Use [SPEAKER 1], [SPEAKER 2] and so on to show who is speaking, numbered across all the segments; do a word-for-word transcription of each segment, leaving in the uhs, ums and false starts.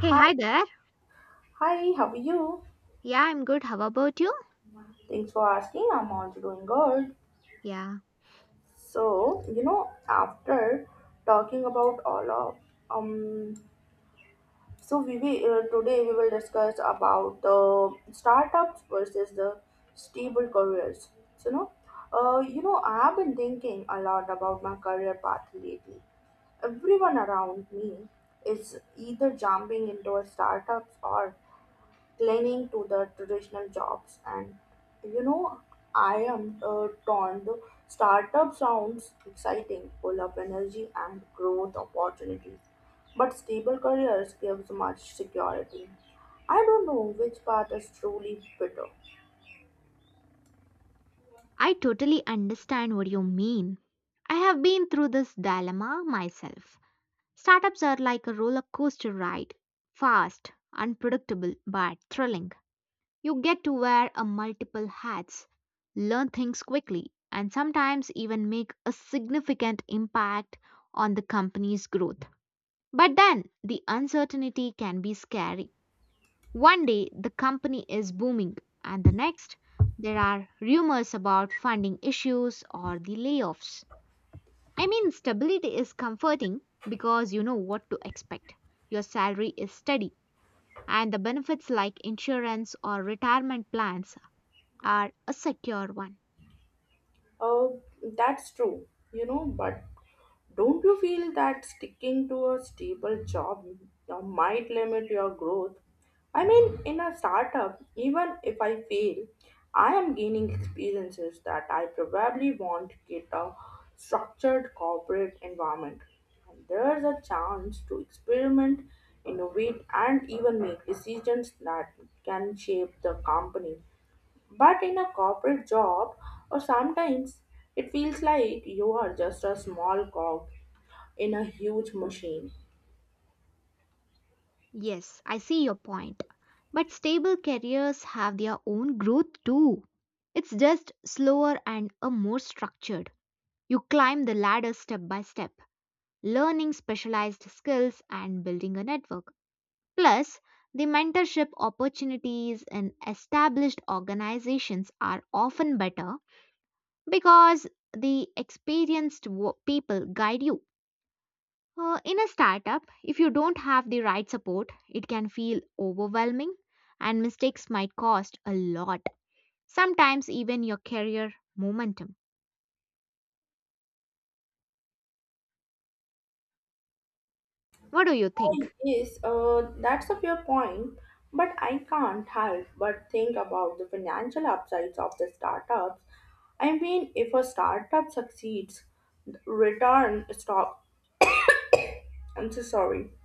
[SPEAKER 1] Hey, hi there.
[SPEAKER 2] hi, how are you?
[SPEAKER 1] Yeah, I'm good. How about you?
[SPEAKER 2] Thanks for asking. I'm also doing good.
[SPEAKER 1] Yeah,
[SPEAKER 2] So, you know, after talking about all of um, so we will uh, today we will discuss about the startups versus the stable careers. So, you know, uh, you know, I have been thinking a lot about my career path lately. Everyone around me is either jumping into a startups or clinging to the traditional jobs and you know I am uh, torn. The startup sounds exciting, full of energy and growth opportunities, but stable careers gives much security. I don't know which path is truly better.
[SPEAKER 1] I totally understand what you mean. I have been through this dilemma myself. Startups are like a roller coaster ride, fast, unpredictable, but thrilling. You get to wear a multiple hats, learn things quickly, and sometimes even make a significant impact on the company's growth. But then the uncertainty can be scary. One day the company is booming, and the next there are rumors about funding issues or the layoffs. I mean, stability is comforting because you know what to expect. Your salary is steady, and the benefits like insurance or retirement plans are a secure one.
[SPEAKER 2] uh, that's true, you know but don't you feel that sticking to a stable job uh, might limit your growth? I mean, in a startup, even if I fail, I am gaining experiences that I probably won't get a structured corporate environment. And there's a chance to experiment, innovate, and even make decisions that can shape the company. But in a corporate job, or sometimes it feels like you are just a small cog in a huge machine.
[SPEAKER 1] Yes, I see your point. But stable careers have their own growth too. It's just slower and a more structured. You climb the ladder step by step, learning specialized skills and building a network. Plus, the mentorship opportunities in established organizations are often better because the experienced wo- people guide you. Uh, in a startup, if you don't have the right support, it can feel overwhelming and mistakes might cost a lot, sometimes even your career momentum. What do you
[SPEAKER 2] Oh,
[SPEAKER 1] think?
[SPEAKER 2] yes, uh, that's a fair point, but I can't help but think about the financial upsides of the startups. I mean, if a startup succeeds, the return stop. I'm so sorry.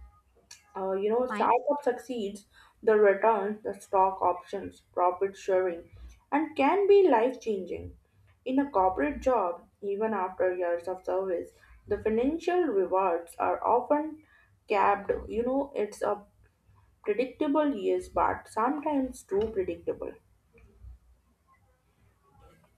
[SPEAKER 2] uh, you know,
[SPEAKER 1] Fine.
[SPEAKER 2] Startup succeeds, the returns, the stock options, profit sharing, and can be life changing. In a corporate job, even after years of service, the financial rewards are often capped. You know, it's a predictable yes, but sometimes too predictable.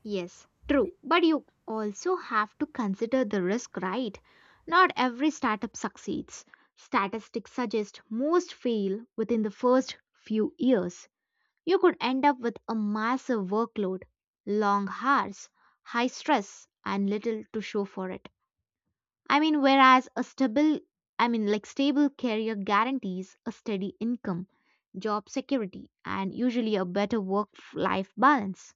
[SPEAKER 1] Yes, true. But you also have to consider the risk, right? Not every startup succeeds. Statistics suggest most fail within the first few years. You could end up with a massive workload, long hours, high stress, and little to show for it. I mean, whereas a stable, I mean, like stable career guarantees a steady income, job security, and usually a better work life balance.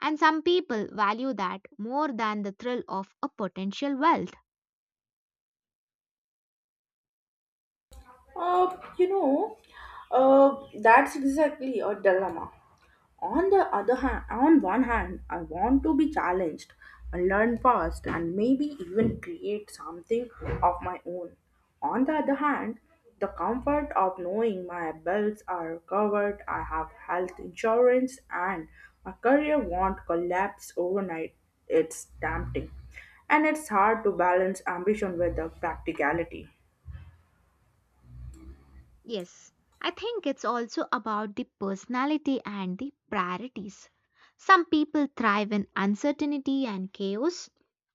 [SPEAKER 1] And some people value that more than the thrill of a potential wealth.
[SPEAKER 2] Uh, you know, uh, that's exactly a dilemma. On the other hand, on one hand, I want to be challenged, and learn fast, and maybe even create something of my own. On the other hand, the comfort of knowing my bills are covered, I have health insurance, and my career won't collapse overnight. It's tempting, and it's hard to balance ambition with the practicality.
[SPEAKER 1] Yes, I think it's also about the personality and the priorities. Some people thrive in uncertainty and chaos.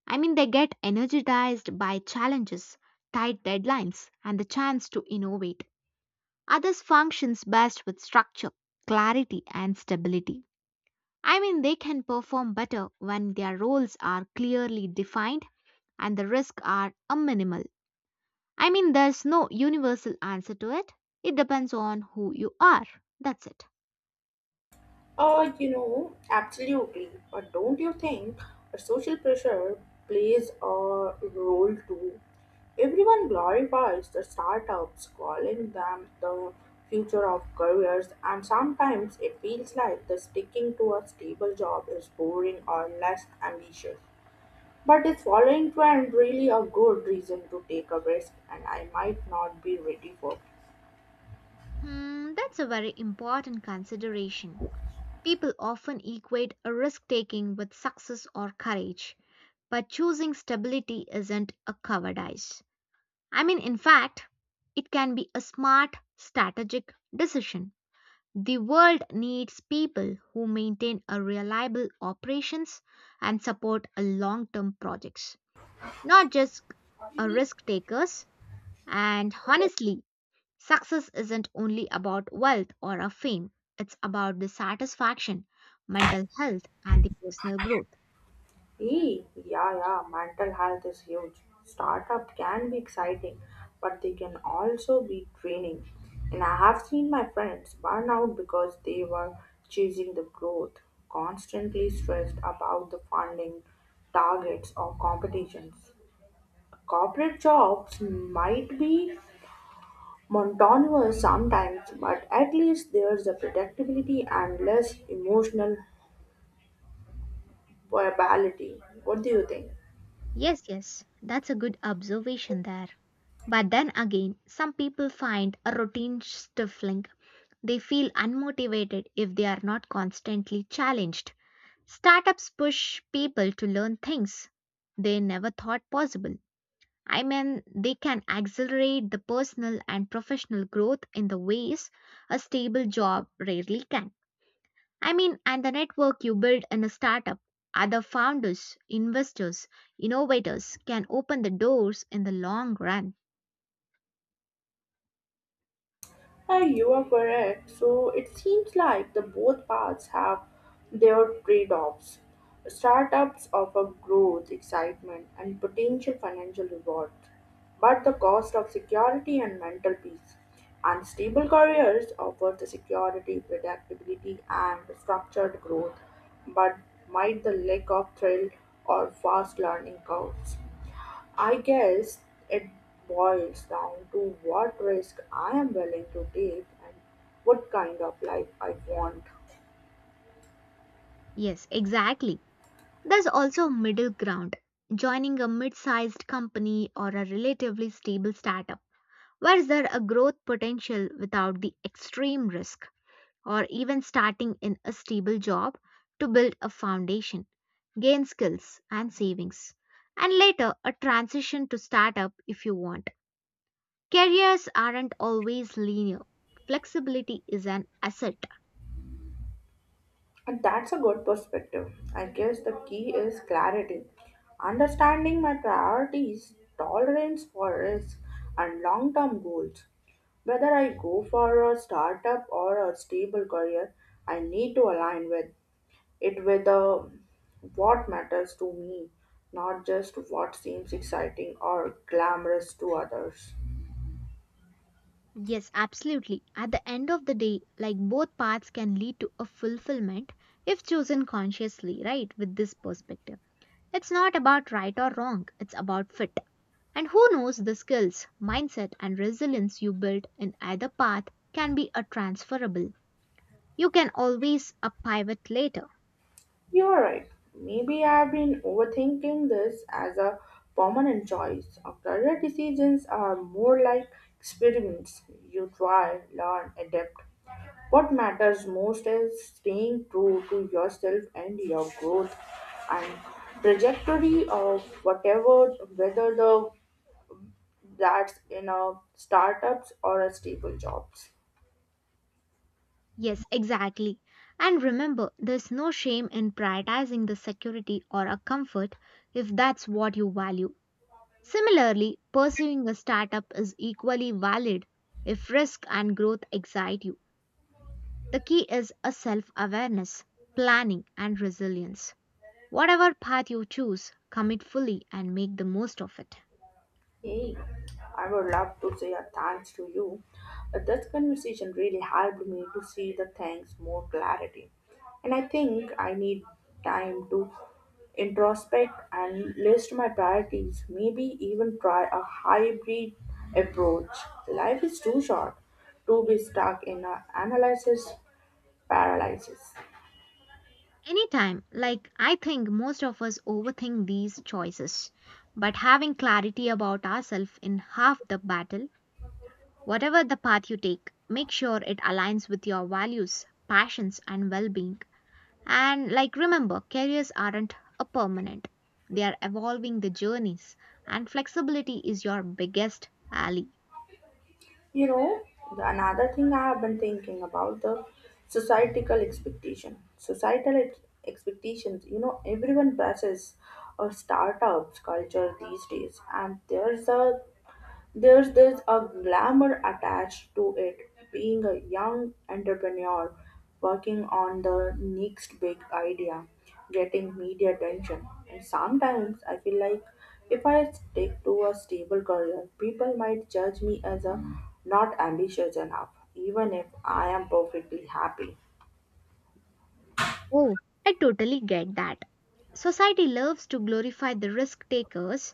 [SPEAKER 1] I mean, they get energized by challenges, tight deadlines, and the chance to innovate. Others functions best with structure, clarity, and stability. I mean, they can perform better when their roles are clearly defined and the risks are a minimal. I mean, there's no universal answer to it. It depends on who you are. That's it.
[SPEAKER 2] Uh, you know, absolutely. But don't you think a social pressure plays a role too? Everyone glorifies the startups, calling them the future of careers, and sometimes it feels like the sticking to a stable job is boring or less ambitious. But is following trend really a good reason to take a risk and I might not be ready for.
[SPEAKER 1] Hmm, that's a very important consideration. People often equate a risk taking with success or courage, but choosing stability isn't a cowardice. I mean, in fact, it can be a smart, strategic decision. The world needs people who maintain a reliable operations and support a long-term projects, not just uh, risk takers. And honestly, success isn't only about wealth or a fame, it's about the satisfaction, mental health, and the personal growth.
[SPEAKER 2] E, yeah, yeah, mental health is huge. Startup can be exciting, but they can also be draining. And I have seen my friends burn out because they were chasing the growth, constantly stressed about the funding, targets, or competitions. Corporate jobs might be monotonous sometimes, but at least there's a predictability and less emotional variability. What do you think?
[SPEAKER 1] Yes, yes, that's a good observation there. But then again, some people find a routine stifling. They feel unmotivated if they are not constantly challenged. Startups push people to learn things they never thought possible. I mean, they can accelerate the personal and professional growth in the ways a stable job rarely can. I mean, and the network you build in a startup, other founders, investors, innovators can open the doors in the long run.
[SPEAKER 2] Ah, you are correct. So it seems like the both paths have their trade-offs. Startups offer growth, excitement, and potential financial rewards, but the cost of security and mental peace. And stable careers offer the security, predictability, and structured growth, but might the lack of thrill or fast learning curves. I guess it boils down to what risk I am willing to take and what kind of life I want.
[SPEAKER 1] Yes, exactly. There's also middle ground, joining a mid sized company or a relatively stable startup. Where is there a growth potential without the extreme risk? Or even starting in a stable job to build a foundation, gain skills and savings, and later a transition to startup if you want. Careers aren't always linear. Flexibility is an asset.
[SPEAKER 2] And that's a good perspective. I guess the key is clarity. Understanding my priorities, tolerance for risk, and long term goals. Whether I go for a startup or a stable career, I need to align with it with the what matters to me, not just what seems exciting or glamorous to others.
[SPEAKER 1] Yes, absolutely. At the end of the day, like both paths can lead to a fulfillment if chosen consciously, right? With this perspective. It's not about right or wrong, it's about fit. And who knows the skills, mindset, and resilience you build in either path can be a transferable. You can always a pivot later.
[SPEAKER 2] You're right. Maybe I've been overthinking this as a permanent choice. Our career decisions are more like experiments. You try, learn, adapt. What matters most is staying true to yourself and your growth and trajectory of whatever, whether the that's in a startups or a stable jobs.
[SPEAKER 1] Yes, exactly. And remember, there's no shame in prioritizing the security or a comfort if that's what you value. Similarly, pursuing a startup is equally valid if risk and growth excite you. The key is a self awareness, planning, and resilience. Whatever path you choose, commit fully and make the most of it.
[SPEAKER 2] Hey, I would love to say a thanks to you. Uh, This conversation really helped me to see the things more clarity. And I think I need time to introspect and list my priorities, maybe even try a hybrid approach. Life is too short to be stuck in a analysis paralysis.
[SPEAKER 1] Anytime, like I think most of us overthink these choices, but having clarity about ourselves in half the battle, whatever the path you take, make sure it aligns with your values, passions, and well being. And like remember, careers aren't a permanent, they are evolving the journeys, and flexibility is your biggest ally.
[SPEAKER 2] You know, the another thing I have been thinking about the societal expectation. Societal ex- expectations, you know, everyone presses or startups culture these days, and there's a there's there's a glamour attached to it, being a young entrepreneur working on the next big idea, getting media attention. And sometimes I feel like if I stick to a stable career, people might judge me as a not ambitious enough, even if I am perfectly happy.
[SPEAKER 1] Oh, I totally get that. Society loves to glorify the risk takers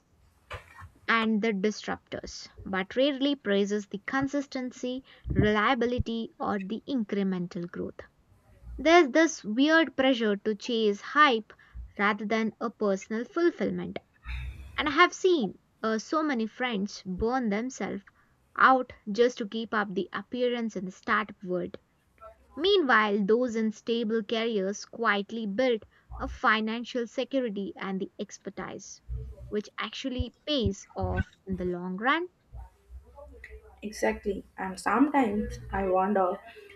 [SPEAKER 1] and the disruptors, but rarely praises the consistency, reliability, or the incremental growth. There's this weird pressure to chase hype rather than a personal fulfillment. And I have seen uh, so many friends burn themselves out just to keep up the appearance in the startup world. Meanwhile, those in stable careers quietly built a financial security and the expertise, which actually pays off in the long run.
[SPEAKER 2] Exactly. And sometimes I wonder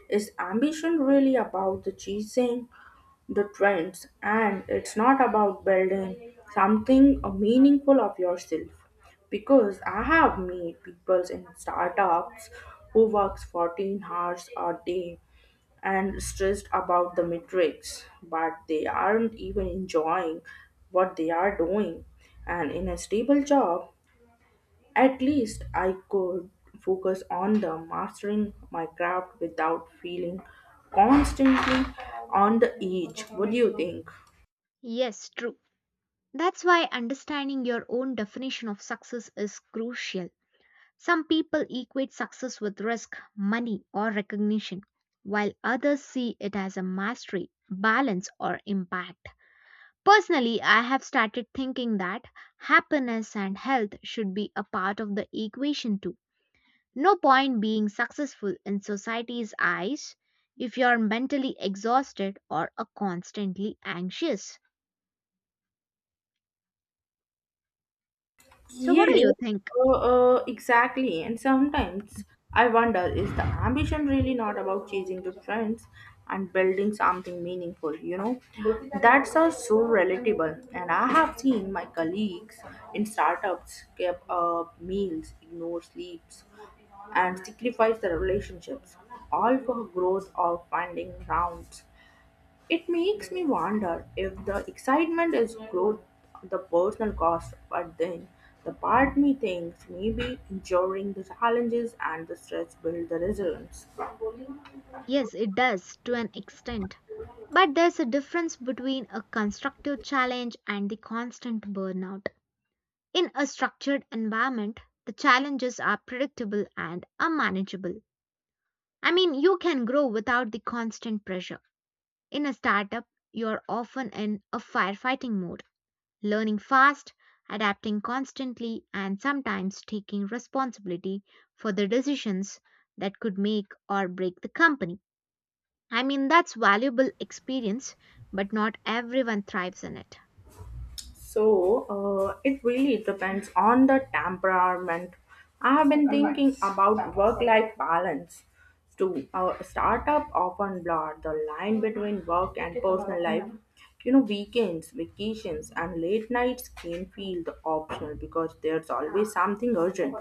[SPEAKER 2] is ambition really about the chasing the trends and it's not about building something uh, meaningful of yourself because I have met people in startups who works fourteen hours a day and stressed about the metrics but they aren't even enjoying what they are doing and in a stable job at least I could focus on the mastering my craft without feeling constantly on the edge. What do you think?
[SPEAKER 1] Yes, true. That's why understanding your own definition of success is crucial. Some people equate success with risk, money, or recognition, while others see it as a mastery, balance, or impact. Personally, I have started thinking that happiness and health should be a part of the equation too. No point being successful in society's eyes if you're mentally exhausted or are constantly anxious. So, what do
[SPEAKER 2] Yes,
[SPEAKER 1] you think?
[SPEAKER 2] uh, uh, exactly. And sometimes I wonder is the ambition really not about chasing the trends and building something meaningful? You know, that's all so relatable. And I have seen my colleagues in startups give up meals, ignore sleeps, and sacrifice their relationships, all for growth or finding rounds it makes me wonder if the excitement is growth the personal cost, but then the part me thinks maybe enduring the challenges and the stress build the resilience.
[SPEAKER 1] Yes, it does to an extent. But there's a difference between a constructive challenge and the constant burnout. In a structured environment, the challenges are predictable and are manageable. I mean, you can grow without the constant pressure. In a startup, you're often in a firefighting mode, learning fast, adapting constantly, and sometimes taking responsibility for the decisions that could make or break the company. I mean, that's valuable experience, but not everyone thrives in it.
[SPEAKER 2] So uh, it really depends on the temperament. I've been thinking about work-life balance too. Uh, startup often blur the line between work and personal life. You know, weekends, vacations, and late nights can feel the optional because there's always something urgent.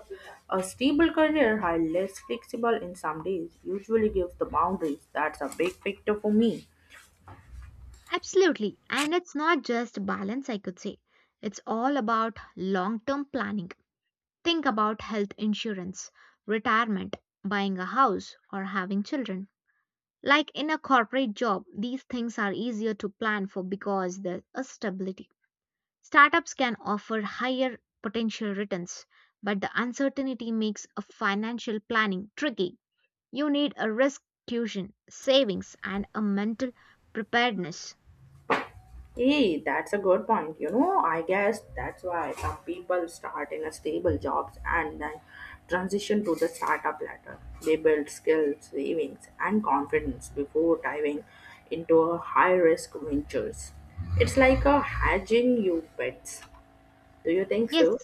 [SPEAKER 2] A stable career, while less flexible in some days, usually gives the boundaries. That's a big picture for me.
[SPEAKER 1] Absolutely. And it's not just balance, I could say. It's all about long term planning. Think about health insurance, retirement, buying a house, or having children. Like in a corporate job, these things are easier to plan for because there's a stability. Startups can offer higher potential returns, but the uncertainty makes a financial planning tricky. You need a risk cushion, savings, and a mental preparedness.
[SPEAKER 2] Hey, that's a good point. You know, I guess that's why some people start in a stable jobs and then transition to the startup ladder. They build skills, savings, and confidence before diving into a high risk ventures. It's like a hedging your bets. Do you think
[SPEAKER 1] Yes,
[SPEAKER 2] so?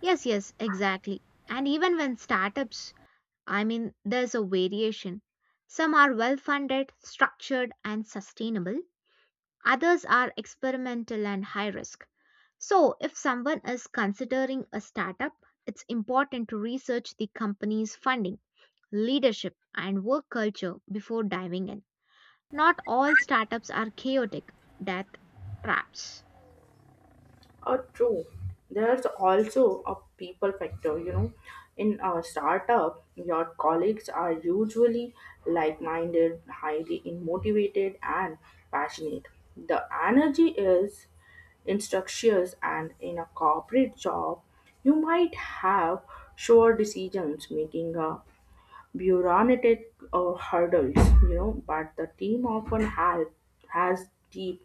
[SPEAKER 1] yes, yes, exactly. And even when startups, I mean, there's a variation. Some are well funded, structured, and sustainable, others are experimental and high risk. So, if someone is considering a startup, it's important to research the company's funding, leadership, and work culture before diving in. Not all startups are chaotic death traps.
[SPEAKER 2] Uh, true. There's also a people factor, you know. In a startup, your colleagues are usually like minded, highly motivated, and passionate. The energy is instructions, and in a corporate job, you might have sure decisions making a bureaucratic uh, hurdles, you know, but the team often have, has deep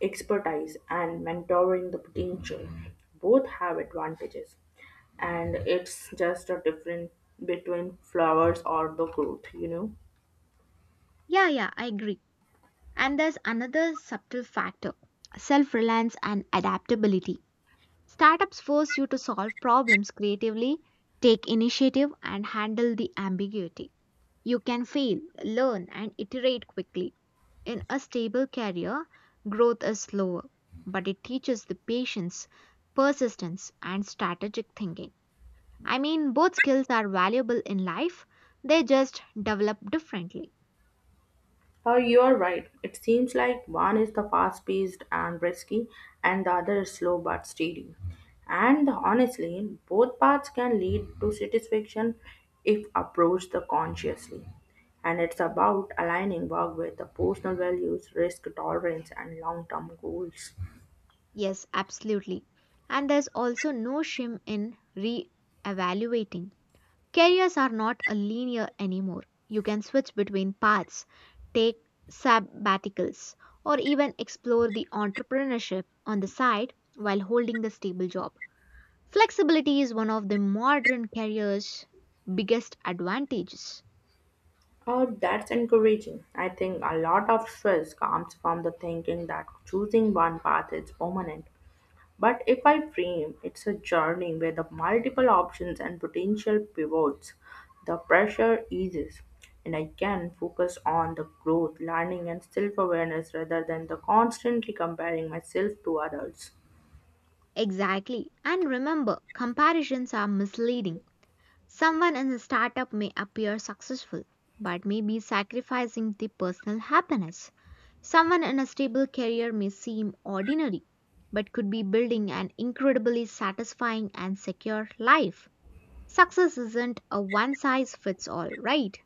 [SPEAKER 2] expertise and mentoring the potential. Both have advantages and it's just a difference between flowers or the growth, you know.
[SPEAKER 1] Yeah, yeah, I agree. And there's another subtle factor, self reliance and adaptability. Startups force you to solve problems creatively, take initiative, and handle the ambiguity. You can fail, learn, and iterate quickly. In a stable career, growth is slower, but it teaches the patience, persistence, and strategic thinking. I mean, both skills are valuable in life, they just develop differently.
[SPEAKER 2] Oh, you're right, it seems like one is the fast paced and risky and the other is slow but steady, and honestly both paths can lead to satisfaction if approached the consciously, and it's about aligning work with the personal values, risk tolerance and long-term goals.
[SPEAKER 1] Yes, absolutely. And there's also no shame in re evaluating. Careers are not a linear anymore. You can switch between paths, take sabbaticals, or even explore the entrepreneurship on the side while holding the stable job. Flexibility is one of the modern career's biggest advantages.
[SPEAKER 2] Oh, that's encouraging. I think a lot of stress comes from the thinking that choosing one path is permanent. But if I frame it's a journey with the multiple options and potential pivots, the pressure eases and I can focus on the growth, learning and self-awareness rather than the constantly comparing myself to others.
[SPEAKER 1] Exactly. And remember, comparisons are misleading. Someone in a startup may appear successful, but may be sacrificing the personal happiness. Someone in a stable career may seem ordinary, but could be building an incredibly satisfying and secure life. Success isn't a one size fits all, right?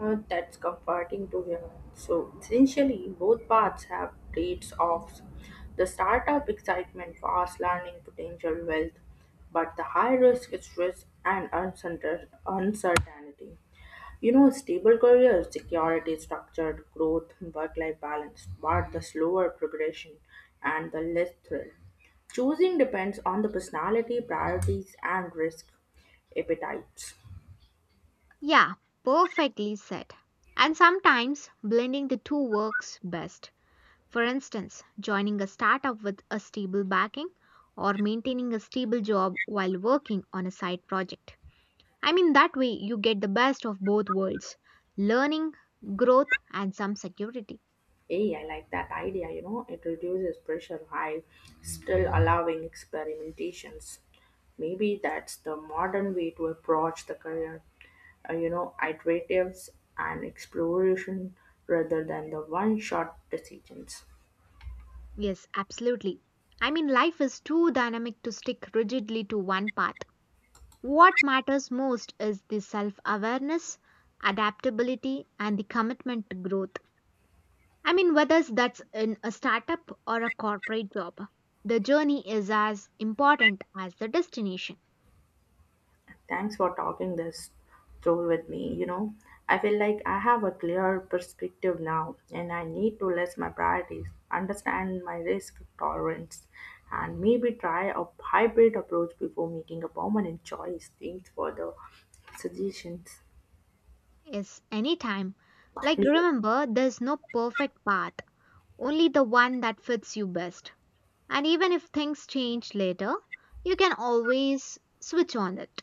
[SPEAKER 2] Uh, that's comforting to hear. So essentially, both paths have trade-offs. The startup excitement, fast learning, potential wealth, but the high risk is risk and uncertain- uncertainty. You know, stable career, security, structured growth, work-life balance, but the slower progression and the less thrill. Choosing depends on the personality, priorities, and risk appetites.
[SPEAKER 1] Yeah, perfectly said. And sometimes blending the two works best. For instance, joining a startup with a stable backing or maintaining a stable job while working on a side project. I mean, that way you get the best of both worlds, learning, growth, and some security.
[SPEAKER 2] Hey, I like that idea, you know, it reduces pressure while still allowing experimentations. Maybe that's the modern way to approach the career, uh, you know, iteratives and exploration rather than the one shot decisions.
[SPEAKER 1] Yes, absolutely. I mean, life is too dynamic to stick rigidly to one path. What matters most is the self awareness, adaptability, and the commitment to growth. I mean, whether that's in a startup or a corporate job, the journey is as important as the destination
[SPEAKER 2] Thanks for talking this through with me. You know, I feel like I have a clear perspective now, and I need to list my priorities, understand my risk tolerance, and maybe try a hybrid approach before making a permanent choice. Thanks for the suggestions.
[SPEAKER 1] is anytime. Like, remember, there's no perfect path, only the one that fits you best. And even if things change later, you can always switch on it.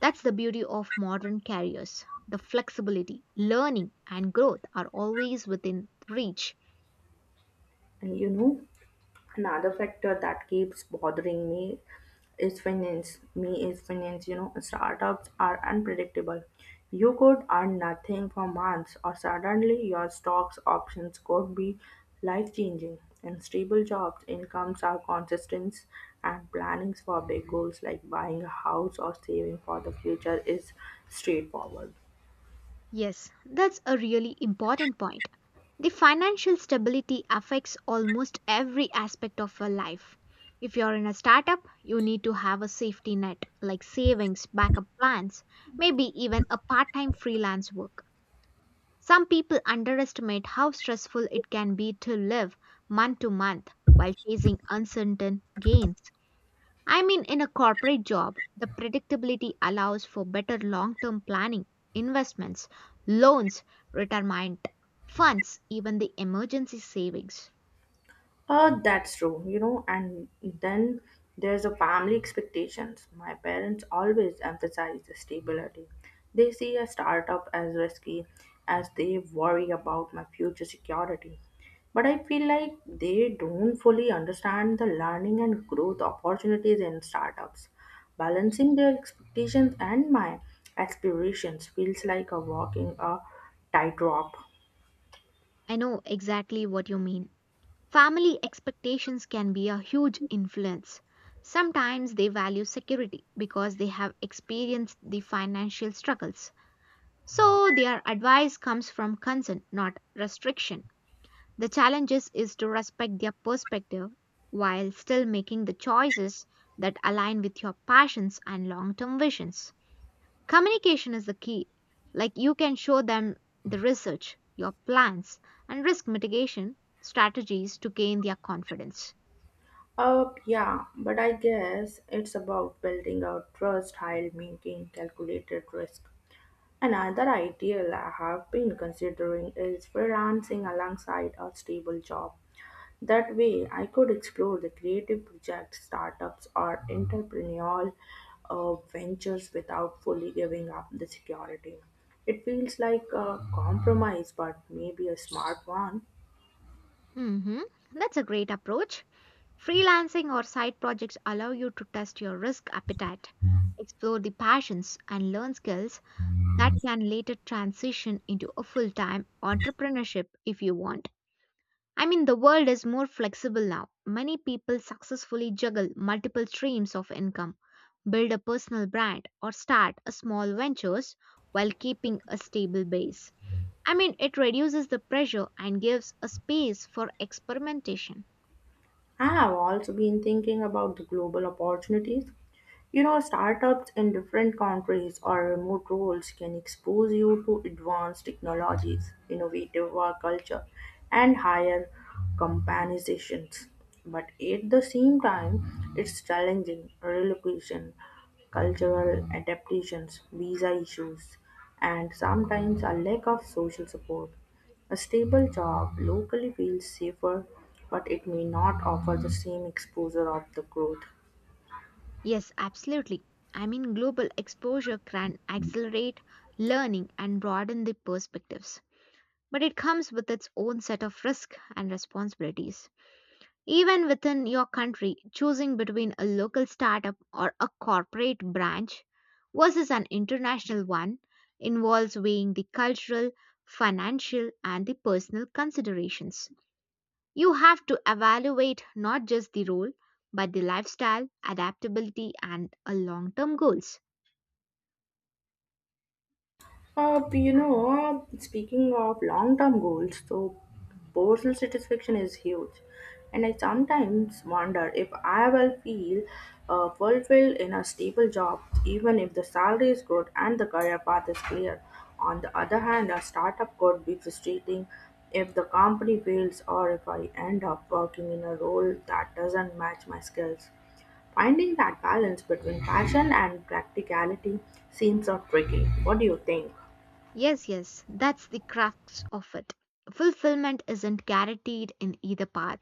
[SPEAKER 1] That's the beauty of modern careers. The flexibility, learning, and growth are always within reach.
[SPEAKER 2] And you know, another factor that keeps bothering me is finance me is finance. You know, startups are unpredictable, you could earn nothing for months or suddenly your stocks options could be life changing. In stable jobs incomes are consistent and plannings for big goals like buying a house or saving for the future is straightforward.
[SPEAKER 1] Yes, that's a really important point. The financial stability affects almost every aspect of your life. If you're in a startup, you need to have a safety net like savings, backup plans, maybe even a part time freelance work. Some people underestimate how stressful it can be to live month to month while chasing uncertain gains. I mean, in a corporate job, the predictability allows for better long term planning, investments, loans, retirement funds, even the emergency savings.
[SPEAKER 2] Uh, that's true, you know, and then there's a family expectations. My parents always emphasize the stability. They see a startup as risky as they worry about my future security. But I feel like they don't fully understand the learning and growth opportunities in startups. Balancing their expectations and my aspirations feels like a walking a tightrope.
[SPEAKER 1] I know exactly what you mean. Family expectations can be a huge influence. Sometimes they value security because they have experienced the financial struggles. So their advice comes from concern, not restriction. The challenge is, is to respect their perspective while still making the choices that align with your passions and long term visions. Communication is the key. Like you can show them the research, your plans, and risk mitigation strategies to gain their confidence.
[SPEAKER 2] Uh, yeah, but I guess it's about building out trust while making calculated risk. Another ideal I have been considering is freelancing alongside a stable job. That way, I could explore the creative projects, startups, or entrepreneurial uh, ventures without fully giving up the security. It feels like a compromise, but maybe a smart one.
[SPEAKER 1] Hmm. That's a great approach. Freelancing or side projects allow you to test your risk appetite, explore the passions, and learn skills that can later transition into a full time entrepreneurship if you want. I mean, the world is more flexible now. Many people successfully juggle multiple streams of income, build a personal brand, or start a small ventures while keeping a stable base. I mean, it reduces the pressure and gives a space for experimentation.
[SPEAKER 2] I have also been thinking about the global opportunities. You know, startups in different countries or remote roles can expose you to advanced technologies, innovative work culture, and higher companizations. But at the same time, it's challenging relocation, cultural adaptations, visa issues, and sometimes a lack of social support. A stable job locally feels safer, but it may not offer the same exposure of the growth.
[SPEAKER 1] Yes, absolutely. I mean, global exposure can accelerate learning and broaden the perspectives, but it comes with its own set of risks and responsibilities. Even within your country, choosing between a local startup or a corporate branch versus an international one involves weighing the cultural, financial, and the personal considerations. You have to evaluate not just the role, but the lifestyle, adaptability, and long term goals.
[SPEAKER 2] Uh, you know, uh, Speaking of long term goals, so personal satisfaction is huge. And I sometimes wonder if I will feel uh, fulfilled in a stable job, even if the salary is good and the career path is clear. On the other hand, a startup could be frustrating if the company fails or if I end up working in a role that doesn't match my skills. Finding that balance between passion and practicality seems so tricky. What do you think?
[SPEAKER 1] Yes, yes, that's the crux of it. Fulfillment isn't guaranteed in either path.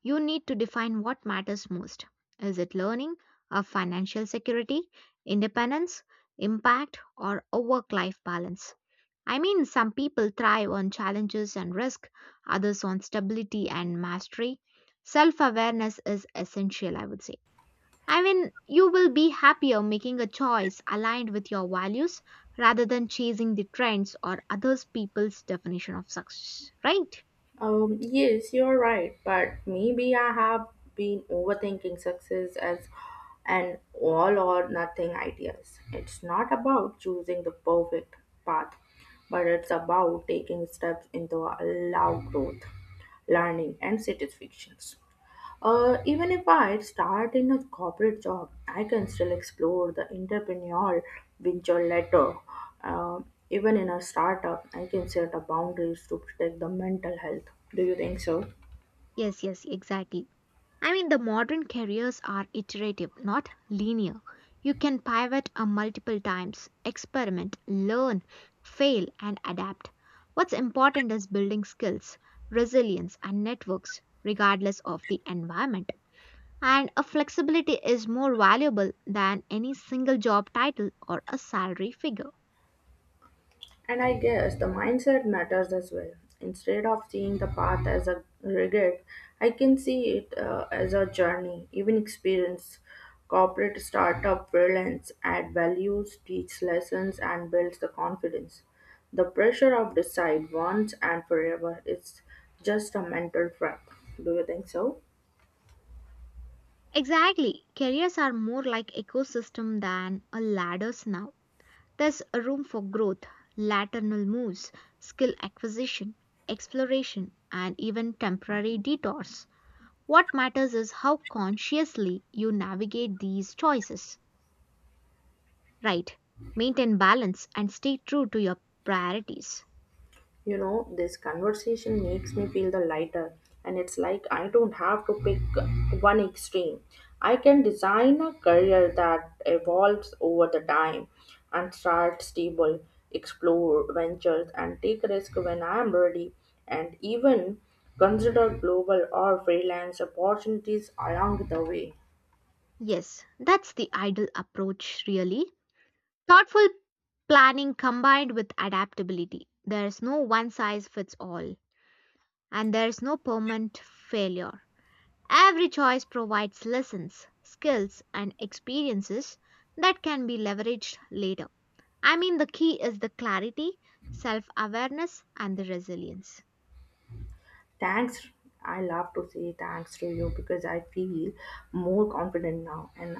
[SPEAKER 1] You need to define what matters most. Is it learning, or financial security, independence, impact, or a work life balance? I mean, some people thrive on challenges and risk, others on stability and mastery. Self awareness is essential, I would say. I mean, you will be happier making a choice aligned with your values rather than chasing the trends or others people's definition of success, right?
[SPEAKER 2] Um, yes, you're right, but maybe I have been overthinking success as an all or nothing ideas. It's not about choosing the perfect path, but it's about taking steps into allow growth, learning, and satisfactions. Uh, even if I start in a corporate job, I can still explore the entrepreneurial venture later. Uh, Even in a startup, I can set up boundaries to protect the mental health. Do you think so?
[SPEAKER 1] Yes, yes, exactly. I mean, the modern careers are iterative, not linear. You can pivot a multiple times, experiment, learn, fail, and adapt. What's important is building skills, resilience, and networks, regardless of the environment, and a flexibility is more valuable than any single job title or a salary figure.
[SPEAKER 2] And I guess the mindset matters as well. Instead of seeing the path as a regret, I can see it uh, as a journey, even experience. Corporate startup freelance add values, teach lessons, and builds the confidence. The pressure of decide once and forever is just a mental trap. Do you think so?
[SPEAKER 1] Exactly, careers are more like ecosystem than a ladders now. There's a room for growth, lateral moves, skill acquisition, exploration, and even temporary detours. What matters is how consciously you navigate these choices. Right, maintain balance and stay true to your priorities.
[SPEAKER 2] You know, this conversation makes me feel the lighter, and it's like I don't have to pick one extreme. I can design a career that evolves over the time and start stable, explore ventures, and take risk when I am ready, and even consider global or freelance opportunities along the way.
[SPEAKER 1] Yes, that's the ideal approach, really. Thoughtful planning combined with adaptability. There's no one size fits all, and there's no permanent failure. Every choice provides lessons, skills, and experiences that can be leveraged later. I mean, the key is the clarity, self awareness, and the resilience.
[SPEAKER 2] Thanks. I love to say thanks to you because I feel more confident now. And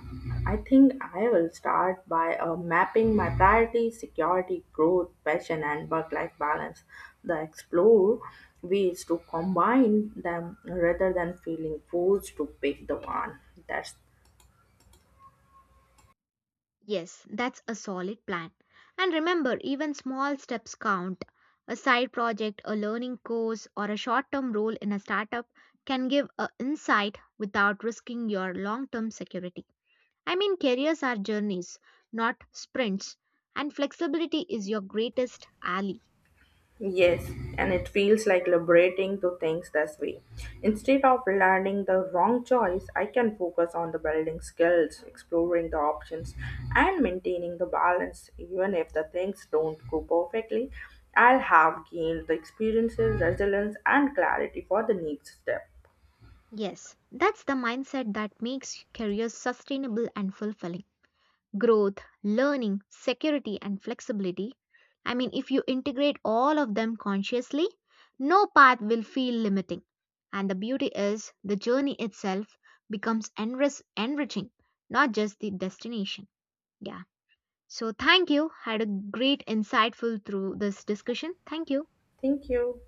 [SPEAKER 2] I think I will start by uh, mapping my priorities, security, growth, passion, and work life balance. The explore ways to combine them rather than feeling forced to pick the one. That's.
[SPEAKER 1] Yes, that's a solid plan. And remember, even small steps count. A side project, a learning course, or a short term role in a startup can give a insight without risking your long term security. I mean, careers are journeys, not sprints, and flexibility is your greatest ally.
[SPEAKER 2] Yes, and it feels like liberating to things this way. Instead of learning the wrong choice, I can focus on the building skills, exploring the options, and maintaining the balance. Even if the things don't go perfectly, I'll have gained the experiences, resilience, and clarity for the next step.
[SPEAKER 1] Yes, that's the mindset that makes careers sustainable and fulfilling. Growth, learning, security, and flexibility. I mean, if you integrate all of them consciously, no path will feel limiting. And the beauty is the journey itself becomes enrich- enriching, not just the destination. Yeah. So, thank you. Had a great, insightful through this discussion. Thank you.
[SPEAKER 2] Thank you.